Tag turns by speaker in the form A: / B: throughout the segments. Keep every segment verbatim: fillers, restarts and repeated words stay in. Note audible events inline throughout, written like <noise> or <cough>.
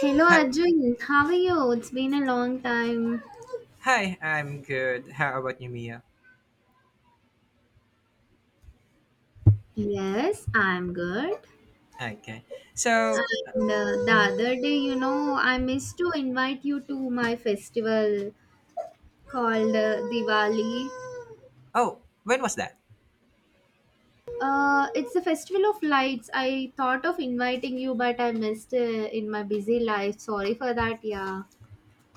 A: Hello
B: Hi,
A: Arjun, how are you? It's been a long time.
B: hi, I'm good. How about you, Mia?
A: Yes, I'm good.
B: Okay. So,
A: And uh, the other day, you know, I missed to invite you to my festival called uh, Diwali.
B: oh, when was that?
A: Uh, it's a festival of lights. I thought of inviting you, but I missed uh, in my busy life. Sorry for that. Yeah,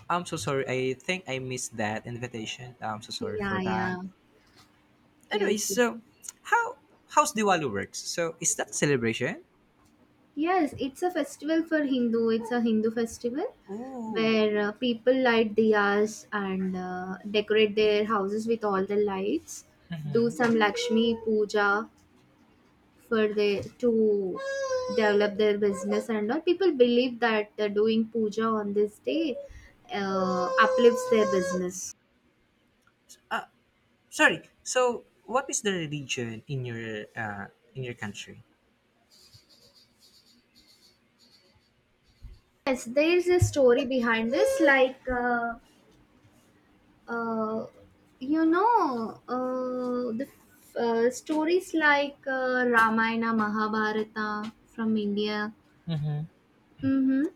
B: I'm so sorry. I think I missed that invitation. I'm so sorry
A: yeah,
B: for that.
A: yeah.
B: Anyway,
A: Yes. yes.
B: so how how's Diwali works? So, is that a celebration?
A: Yes, it's a festival for Hindu. It's a Hindu festival
B: Ooh.
A: where uh, people light diyas and uh, decorate their houses with all the lights. Do
B: Mm-hmm.
A: some Lakshmi puja for the to develop their business and all. People believe that uh, doing puja on this day uh, uplifts their business.
B: Uh, Sorry. So, what is the religion in your uh in your country?
A: Yes, there is a story behind this. Like uh, uh, you know uh, the f- uh, stories like uh, ramayana mahabharata from india.
B: Mm-hmm.
A: Mm-hmm.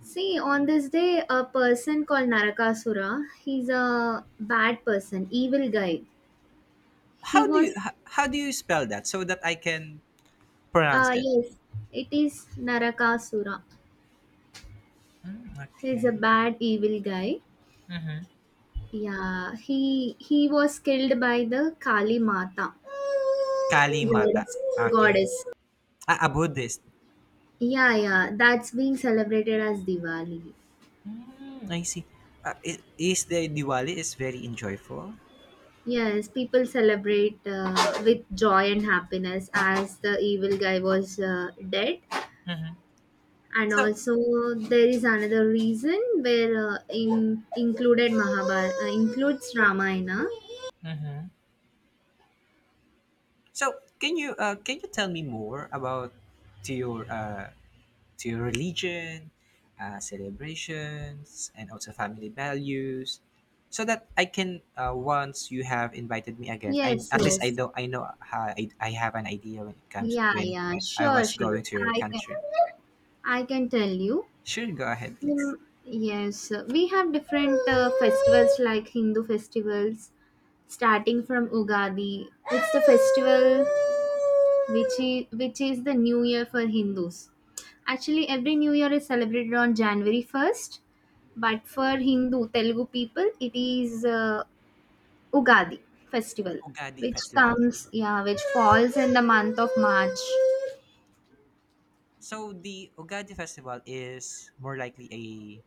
A: See, on this day a person called narakasura, he's a bad person, evil guy. He
B: How do you
A: was
B: how, how do you spell that so that I can pronounce
A: uh,
B: it?
A: yes, it is narakasura. He's a
B: Okay.
A: bad evil guy.
B: Mm-hmm.
A: Yeah, he he was killed by the kali mata
B: Kali Mata.
A: goddess
B: Okay.
A: goddess
B: Ah, a Buddhist.
A: Yeah, yeah, that's being celebrated as Diwali.
B: Mm, I see. Uh, i- is the Diwali is very enjoyable.
A: Yes, people celebrate uh, with joy and happiness as the evil guy was uh, dead.
B: Mm-hmm.
A: And
B: So,
A: also, there is another reason where uh, in, included Mahabharata, uh, includes Ramayana.
B: Mm-hmm. So can you uh, can you tell me more about to your uh, to your religion, uh, celebrations, and also family values, so that I can uh, once you have invited me again, I,
A: Yes,
B: at least, I
A: yes.
B: know I know how I, I have an idea when it comes
A: Yeah,
B: when
A: yeah,
B: I
A: sure,
B: was
A: sure.
B: going to your
A: I can,
B: country.
A: I can tell you.
B: Sure, go ahead,
A: Hmm,
B: please.
A: Yes, we have different uh, festivals like Hindu festivals starting from Ugadi. It's the festival which is, which is the new year for Hindus. Actually, every new year is celebrated on January first, but for Hindu Telugu people, it is uh, Ugadi festival,
B: Ugadi
A: which
B: festival.
A: comes, yeah, which falls in the month of March.
B: So the Ugaadi festival is more likely a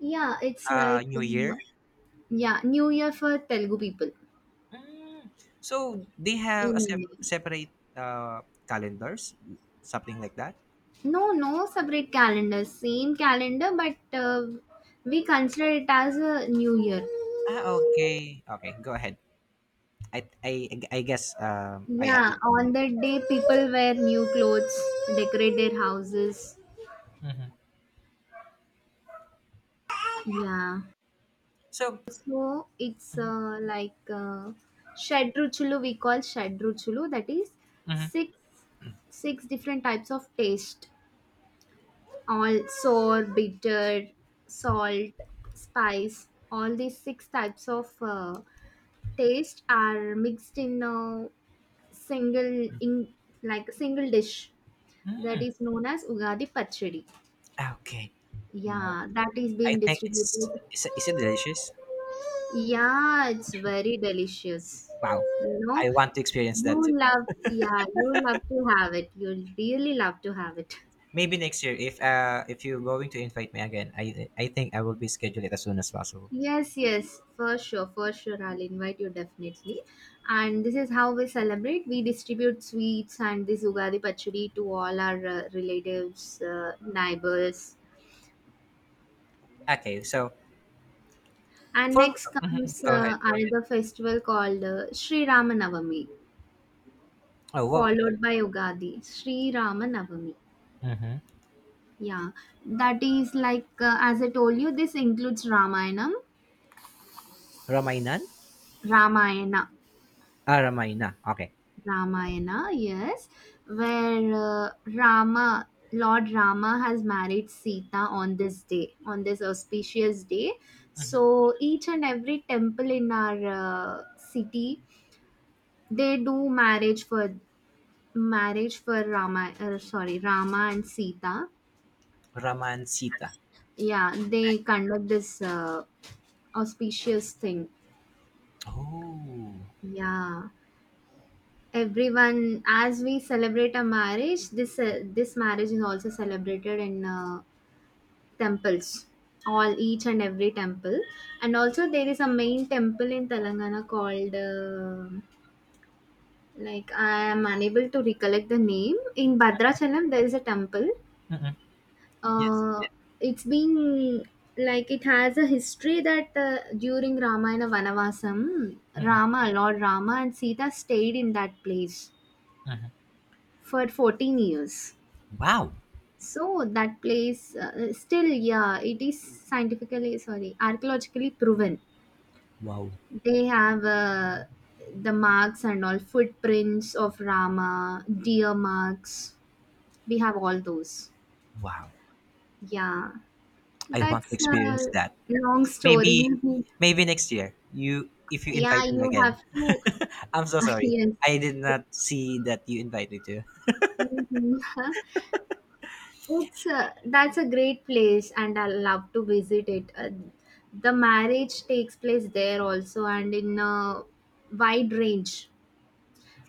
A: Yeah, it's
B: uh,
A: like,
B: New
A: um,
B: Year.
A: yeah, new year for Telugu people
B: Mm. So they have a
A: in India.
B: sep- separate uh, calendars, something like that.
A: No, no separate calendar. Same calendar, but uh, we consider it as a new year.
B: Ah, okay, okay. Go ahead. I I, I guess um, I
A: Yeah,
B: understand now.
A: on that day, people wear new clothes, decorate their houses.
B: Hmm.
A: Yeah.
B: So
A: So it's uh, like uh, Shadruchulu, we call Shadruchulu, that is
B: Mhm.
A: six six different types of taste, all sour, bitter, salt, spice, all these six types of uh, taste are mixed in a single, in, like single dish that
B: Mm.
A: is known as Ugadi Pachadi.
B: Okay, no,
A: Yeah, that is
B: I
A: being
B: think it's
A: distributed.
B: is it, is it delicious?
A: Yeah, it's very delicious.
B: Wow,
A: You know,
B: I want to experience that too.
A: you love, yeah, you love to have it. You'll really love to have it.
B: Maybe next year if uh if you're going to invite me again, I I think I will be scheduled it as soon as possible.
A: Yes, yes, for sure, for sure. I'll invite you definitely. And this is how we celebrate. We distribute sweets and this Ugadi Pachadi to all our uh, relatives, uh, neighbors.
B: Okay, so
A: And
B: for
A: next
B: mhm,
A: comes
B: go ahead.
A: uh, another festival called uh, Sri Ramanavami,
B: Oh, what?
A: followed by Ugadi, Sri Ramanavami.
B: Hmm.
A: Yeah, that is like, uh, as I told you, this includes Ramayana,
B: Ramainan?
A: Ramayana,
B: Ah, Ramayana. Okay.
A: Ramayana, yes, where uh, Rama, Lord Rama has married Sita on this day, on this auspicious day.
B: Mm-hmm.
A: So each and every temple in our uh, city, they do marriage for marriage for Rama, uh, sorry, Rama and Sita.
B: Ramansita.
A: Yeah, they conduct this uh, auspicious thing.
B: Oh.
A: Yeah, everyone as we celebrate a marriage, this uh, this marriage is also celebrated in uh, temples, all each and every temple, and also there is a main temple in Telangana called. Uh, like I am unable to recollect the name. In Bhadrachalam, there is a temple.
B: Mm-hmm. Yes.
A: Uh, it's been like it has a history that uh, during Ramayana Vanavasam,
B: Mm.
A: Rama, Lord Rama and Sita stayed in that place
B: Mm-hmm.
A: for fourteen years.
B: Wow.
A: So that place uh, still, yeah, it is scientifically, sorry, archaeologically proven.
B: Wow.
A: They have uh, the marks and all footprints of Rama, deer marks. We have all those.
B: Wow.
A: Yeah,
B: I want to
A: that's
B: experience
A: a
B: that.
A: long story.
B: Maybe
A: <laughs>
B: maybe next year. You if you
A: Yeah,
B: invite me
A: you
B: again.
A: have
B: <laughs>
A: to.
B: I'm so
A: <laughs>
B: sorry.
A: Yes.
B: I did not see that you invited me to.
A: Mhm. <laughs> It's a, that's a great place and I love to visit it. Uh, the marriage takes place there also and in a wide range.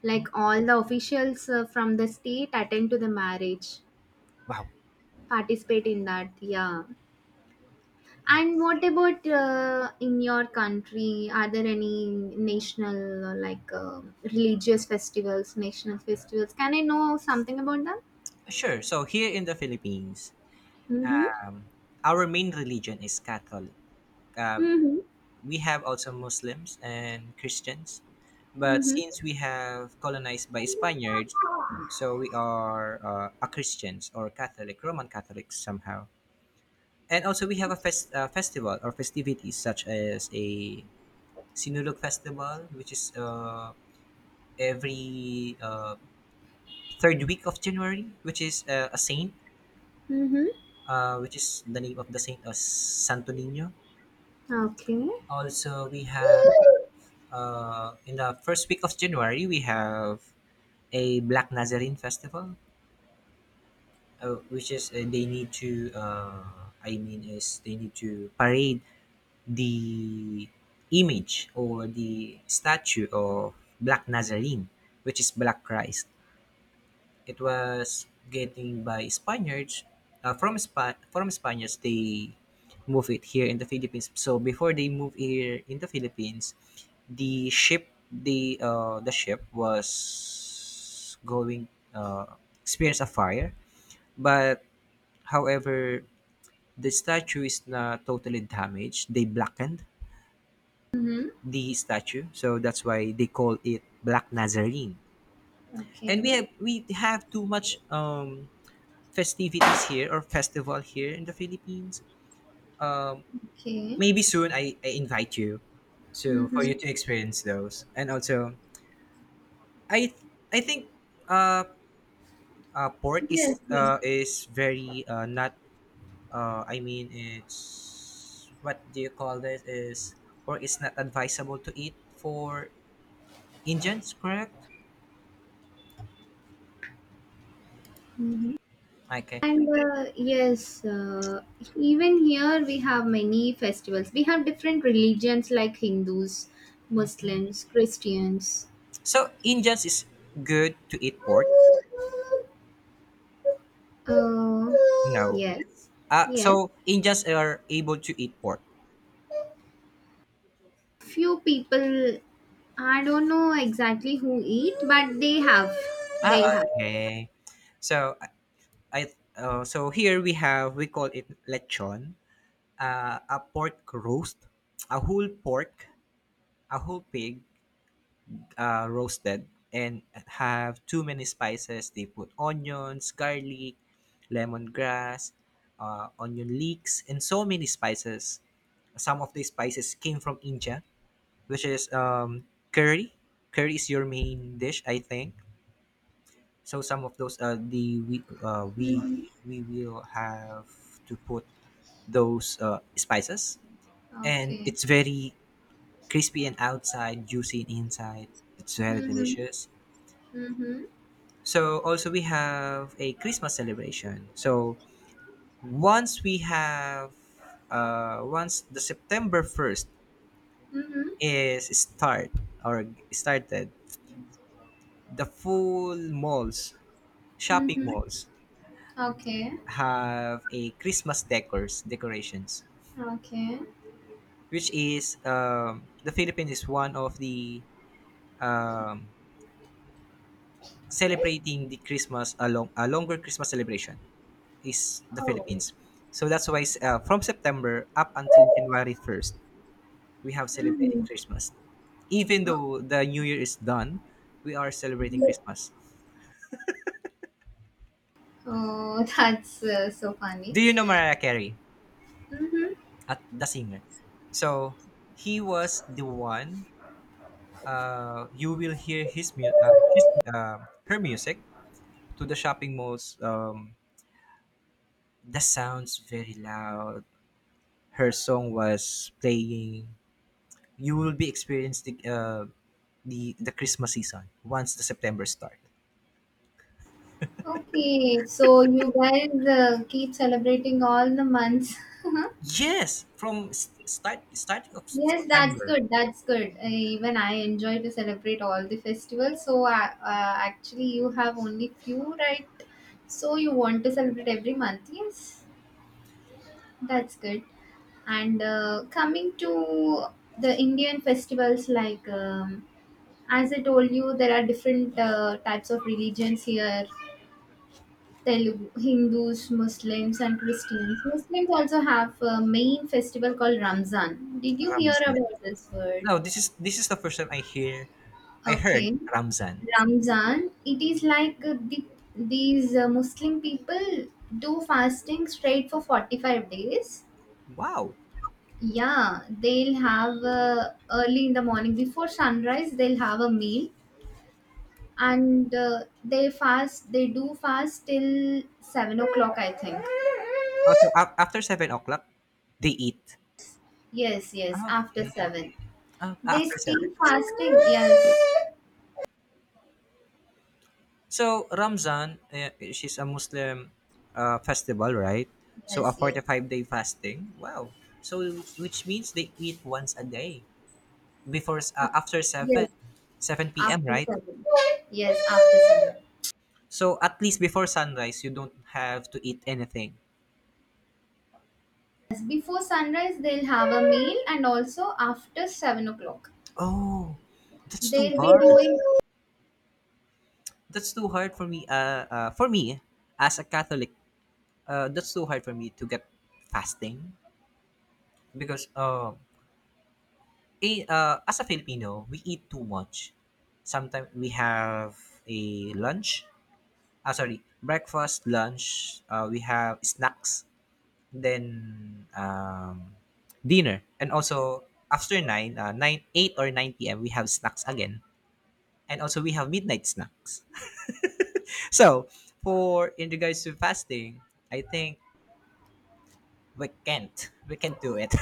A: Like
B: Oh.
A: all the officials uh, from the state attend to the marriage,
B: Wow.
A: participate in that. Yeah. And
B: Nice.
A: what about uh, in your country? Are there any national uh, like uh, religious festivals, national festivals? Can I know something about them?
B: Sure. So here in the Philippines,
A: Mhm.
B: um, our main religion is Catholic. Uh,
A: Mhm.
B: we have also Muslims and Christians, but
A: Mhm.
B: since we have colonized by Spaniards, so we are uh, a Christians or Catholic, Roman Catholics somehow. And also we have a fest, uh, festival or festivities such as a Sinulog festival, which is uh, every uh, third week of January, which is uh, a saint,
A: Mhm.
B: uh, which is the name of the saint as Santo Nino.
A: Okay.
B: Also, we have uh, in the first week of January, we have a Black Nazarene festival, uh, which is uh, they need to. Uh, I mean, is they need to parade the image or the statue of Black Nazarene, which is Black Christ. It was getting by Spaniards, uh, from Spa- from Spaniards they move it here in the Philippines. So before they move here in the Philippines, the ship the uh, the ship was going, uh, experience a fire, but however the statue is not totally damaged. They blackened
A: Mhm.
B: the statue, so that's why they call it Black Nazarene. And we
A: Okay.
B: have we have too much, um festivities here or festival here in the Philippines. Um,
A: Okay.
B: Maybe soon I, I invite you so for you
A: Mhm.
B: to experience those. And also, I I think, uh, uh pork
A: Yes.
B: is,
A: Yes.
B: uh is very, uh not, uh I mean, it's, what do you call this, is pork is not advisable to eat for Indians, correct?
A: Mhm.
B: Okay.
A: And uh, yes, uh, even here we have many festivals. We have different religions like Hindus, Muslims, Christians.
B: So Indians is good to eat pork?
A: Uh,
B: No.
A: yes.
B: Uh
A: Yes.
B: so Indians are able to eat pork.
A: Few people, I don't know exactly who eat, but they have
B: Ah,
A: they'll have
B: okay. So I uh, so here we have we call it lechon, uh, a pork roast, a whole pork, a whole pig, uh, roasted, and have too many spices. They put onions, garlic, lemongrass, uh, onion leeks, and so many spices. Some of the spices came from India, which is, um, curry. Curry is your main dish, I think. So some of those uh, the we uh, we
A: Mm-hmm.
B: we will have to put those uh, spices, and
A: Okay.
B: it's very crispy and outside, juicy and inside. It's very
A: Mm-hmm.
B: delicious.
A: Mm-hmm.
B: So also we have a Christmas celebration. So once we have uh, once the September first
A: Mm-hmm.
B: is start or started, the full malls, shopping
A: Mm-hmm.
B: malls
A: Okay.
B: have a Christmas decors decorations,
A: Okay.
B: which is, um, the Philippines is one of the, um, celebrating the Christmas along a longer Christmas celebration is the
A: Oh.
B: Philippines. So that's why, uh, from September up until January first, we have celebrating
A: Mm-hmm.
B: Christmas. Even
A: Oh.
B: though the New Year is done, we are celebrating Christmas.
A: Oh, <laughs> that's uh, so funny.
B: Do you know Mariah Carey,
A: Mm-hmm.
B: at the singer? So he was the one. Uh, you will hear his mu- uh, his uh, her music to the shopping malls, um, the sounds very loud. Her song was playing. You will be experiencing, uh, the the Christmas season once the September start.
A: Okay, so you guys uh, keep celebrating all the months. <laughs>
B: Yes, from s- start starting of
A: Yes, that's
B: September.
A: good. That's good. Uh, even I enjoy to celebrate all the festivals. So uh, uh, actually, you have only few, right? So you want to celebrate every month. Yes, that's good. And uh, coming to the Indian festivals, like um, as I told you, there are different uh, types of religions here. Telugu, Hindus, Muslims, and Christians. Muslims also have a main festival called Ramzan. Did you hear
B: Ramzan.
A: about this word?
B: No, this is, this is the first time I hear I heard
A: Okay.
B: Ramzan.
A: Ramzan, it is like uh, the, these uh, Muslim people do fasting straight for forty-five days.
B: Wow.
A: Yeah, they'll have uh, early in the morning before sunrise, they'll have a meal and uh, they fast, they do fast till seven o'clock, I think.
B: Also, af- after seven o'clock, they eat.
A: Yes, yes, after
B: Okay.
A: seven.
B: Uh,
A: They
B: after seven.
A: still fasting, yes,
B: So Ramzan, eh, she's a Muslim, uh, festival, right? So a
A: yes,
B: forty-five day fasting. Wow. So which means they eat once a day before s- uh,
A: yes,
B: after seven,
A: yes,
B: seven p m,
A: after
B: right?
A: seven. Yes, after seven.
B: So at least before sunrise you don't have to eat anything.
A: Yes, before sunrise they'll have a meal and also after seven o'clock.
B: Oh, that's too
A: They'll be
B: hard.
A: doing,
B: That's too hard for me, uh, uh for me as a Catholic. Uh, that's too hard for me to get fasting because, uh Eh, uh, as a Filipino, we eat too much. Sometimes we have a lunch, ah, sorry, breakfast, lunch, uh, we have snacks, then, um, dinner. And also, after nine, uh, nine, eight or nine p m, we have snacks again. And also, we have midnight snacks. <laughs> So, for in regards to fasting, I think we can't. We can't do it.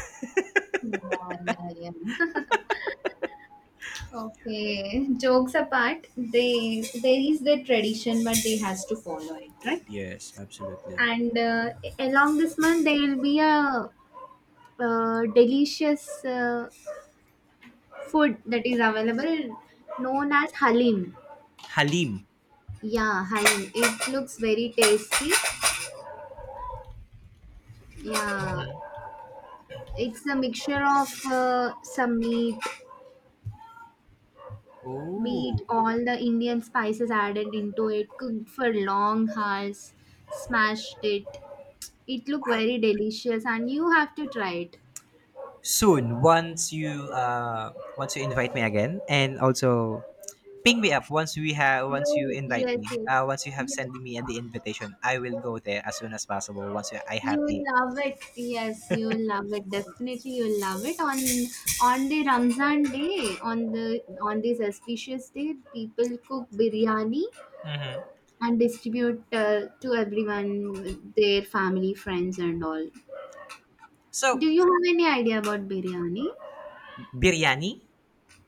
A: yeah, yeah, yeah. <laughs> Okay. Jokes apart, they there is their tradition but they has to follow it, right?
B: <laughs> Yes, absolutely.
A: And uh, along this month there will be a uh, delicious uh, food that is available known as halim.
B: Halim.
A: Yeah, halim. It looks very tasty. Yeah, it's a mixture of uh, some meat meat,
B: Oh,
A: all the Indian spices added into it, cooked for long hours, smashed it. It looked
B: wow.
A: very delicious, and you have to try it.
B: Soon, once you uh once you invite me again, and also ping me up once we have, once you
A: You
B: invite
A: yes
B: me,
A: yes,
B: uh once you have
A: you
B: sent me the invitation, I will go there as soon as possible, once I have
A: you will
B: the.
A: love it. Yes, you will love it. Definitely, you will love it. On on the Ramzan day, on the on this auspicious day, people cook biryani
B: Mhm.
A: and distribute uh, to everyone, their family, friends, and all.
B: So
A: Do you have any idea about biryani?
B: biryani.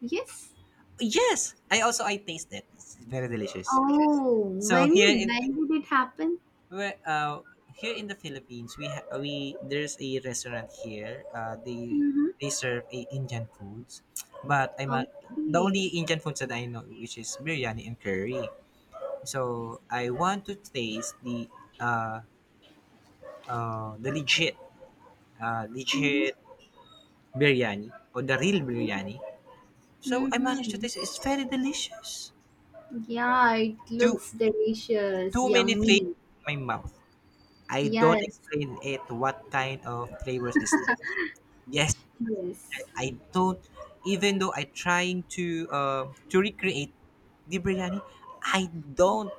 A: Yes.
B: Yes, i also i taste it, it's very delicious.
A: Oh, when
B: So here in.
A: when did it happen?
B: Well, uh, here in the Philippines, we, ha- we there's a restaurant here. Uh, they
A: Mm-hmm.
B: they serve a Indian foods, but, I'm a, the only
A: Okay.
B: Indian foods that I know, which is biryani and curry. So I want to taste the, uh, uh, the legit, uh,
A: Mm-hmm.
B: legit biryani or the real biryani. So I managed to
A: Mm-hmm.
B: taste it. It's very delicious.
A: Yeah, it
B: Too
A: looks delicious,
B: too many flavors
A: yummy.
B: in my mouth. I don't
A: Yes,
B: explain it. What kind of flavors is this? Yes,
A: yes,
B: I don't. Even though I trying, to uh, to recreate the biryani, I don't,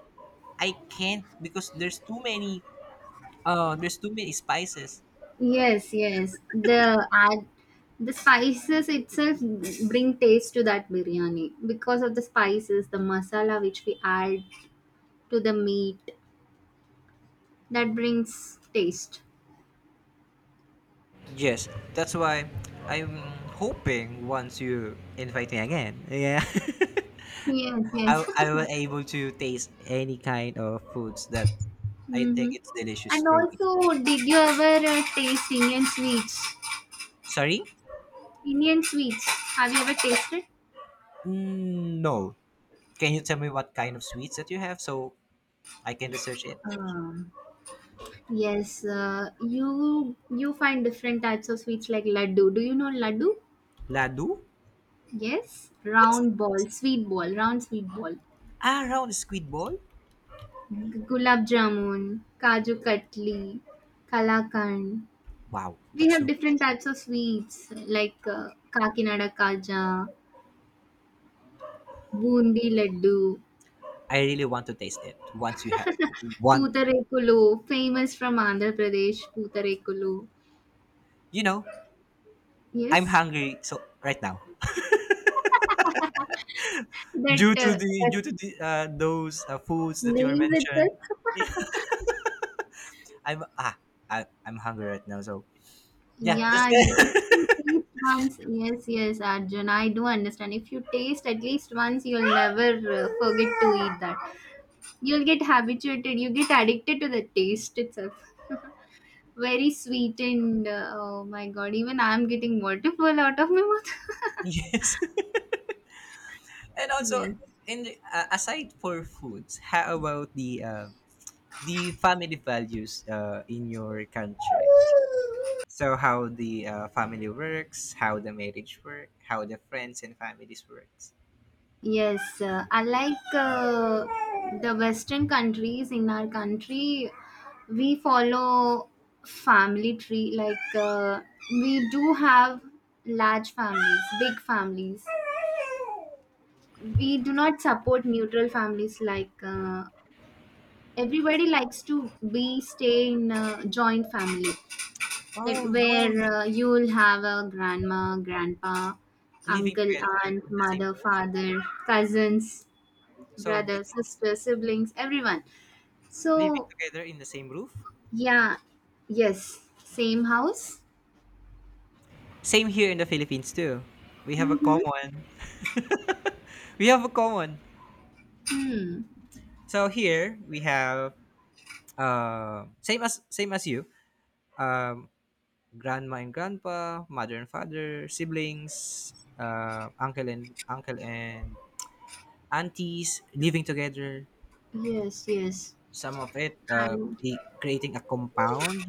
B: I can't because there's too many, uh, there's too many, spices.
A: yes, yes. The ad, the spices itself bring taste to that biryani because of the spices, the masala which we add to the meat that brings taste.
B: Yes, that's why I'm hoping once you invite me again, yeah.
A: Yes,
B: <laughs> I
A: yes.
B: I
A: <laughs>
B: will able to taste any kind of foods that I think
A: Mm-hmm.
B: it's delicious
A: And
B: for me.
A: also, did you ever uh, taste Indian sweets?
B: Sorry?
A: Indian sweets. Have you ever tasted?
B: Mm, no. Can you tell me what kind of sweets that you have so I can research it?
A: Um, yes. Uh, you you find different types of sweets like laddu. Do you know laddu?
B: Ladu?
A: Yes.
B: What's,
A: Round ball, sweet ball, round sweet ball.
B: ah, round squid ball?
A: Gulab jamun, kaju katli, kalakand.
B: Wow,
A: We
B: that's
A: have
B: so
A: different types of sweets like
B: wow.
A: uh, Kakinada kaja, bundi laddu.
B: I really want to taste it once you have one.
A: Pootarekulu, famous from Andhra Pradesh, Pootarekulu.
B: You know, I'm
A: Yes,
B: hungry so right now
A: that,
B: due to
A: uh,
B: the,
A: that
B: due to the uh, those, uh, foods that you are
A: names
B: mentioned.
A: itself.
B: Yeah, <laughs> I'm ah I, I'm hungry right now. So yeah, that's
A: Yeah, you- if you
B: good.
A: taste once, yes, yes, Arjun, I do understand. If you taste at least once, you'll never uh, forget to eat that. You'll get habituated, you get addicted to the taste itself. Very sweet and uh, oh my god, even I'm getting waterfall out of my mouth.
B: <laughs> Yes, and
A: <laughs>
B: also,
A: Yes.
B: in the, uh, aside for foods, how about the, uh, the family values, uh, in your country? So how the, uh, family works, how the marriage work, how the friends and families works.
A: Yes, uh, unlike uh, the Western countries, in our country, we follow family tree. Like uh, we do have large families, big families. We do not support neutral families. Like uh, everybody likes to be stay in a joint family, that
B: Oh,
A: where uh, you'll have a grandma, grandpa,
B: living
A: uncle,
B: together
A: aunt,
B: in the same
A: mother,
B: roof.
A: father, cousins
B: So the,
A: brother, sister, siblings, everyone.
B: living
A: So,
B: together in the same roof.
A: yeah, yes, same house.
B: Same here in the Philippines too. We have a
A: Mm-hmm.
B: common. We have a common.
A: Hmm.
B: So here we have, uh, same as same as you. Um, Grandma and grandpa, mother and father, siblings, uh, uncle and uncle and aunties living together.
A: Yes, yes.
B: Some of it, uh,
A: And
B: the creating a compound,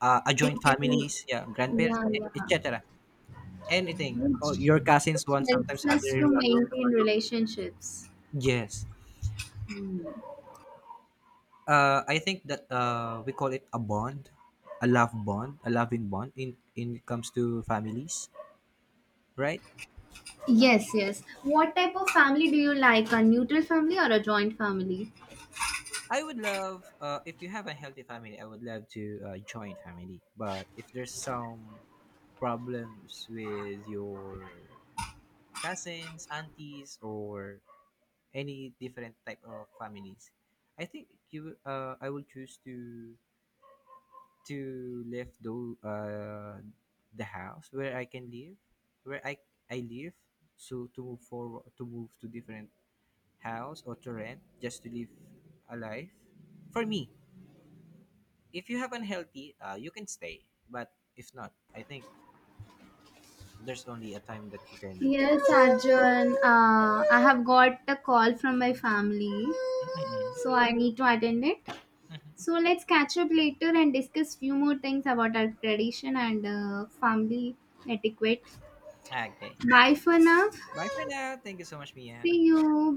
B: uh, a joint
A: even-
B: families, yeah, grandparents,
A: yeah,
B: e-
A: yeah.
B: et cetera. Anything. Or
A: Which,
B: your cousins one
A: which
B: sometimes
A: helps us
B: other in
A: to
B: one room.
A: maintain relationships.
B: Yes.
A: Hmm.
B: Uh, I think that, uh, we call it a bond, a love bond, a loving bond in, in it comes to families, right?
A: Yes, yes. What type of family do you like? A neutral family or a joint family?
B: I would love, uh, if you have a healthy family. I would love to, uh, join family, but if there's some problems with your cousins, aunties, or any different type of families, I think you uh, I will choose to, to live though, uh, the house where I can live, where i i live, so to move forward to move to different house, or to rent just to live a life for me. If you have unhealthy, uh, you can stay, but if not, I think there's only a time that you can.
A: Yes, Arjun. Uh, I have got a call from my family,
B: Mhm,
A: so I need to attend it.
B: mhm.
A: So let's catch up later and discuss few more things about our tradition and uh, family etiquette.
B: Okay,
A: Bye for now.
B: bye for now. Thank you so much, Mia.
A: See you.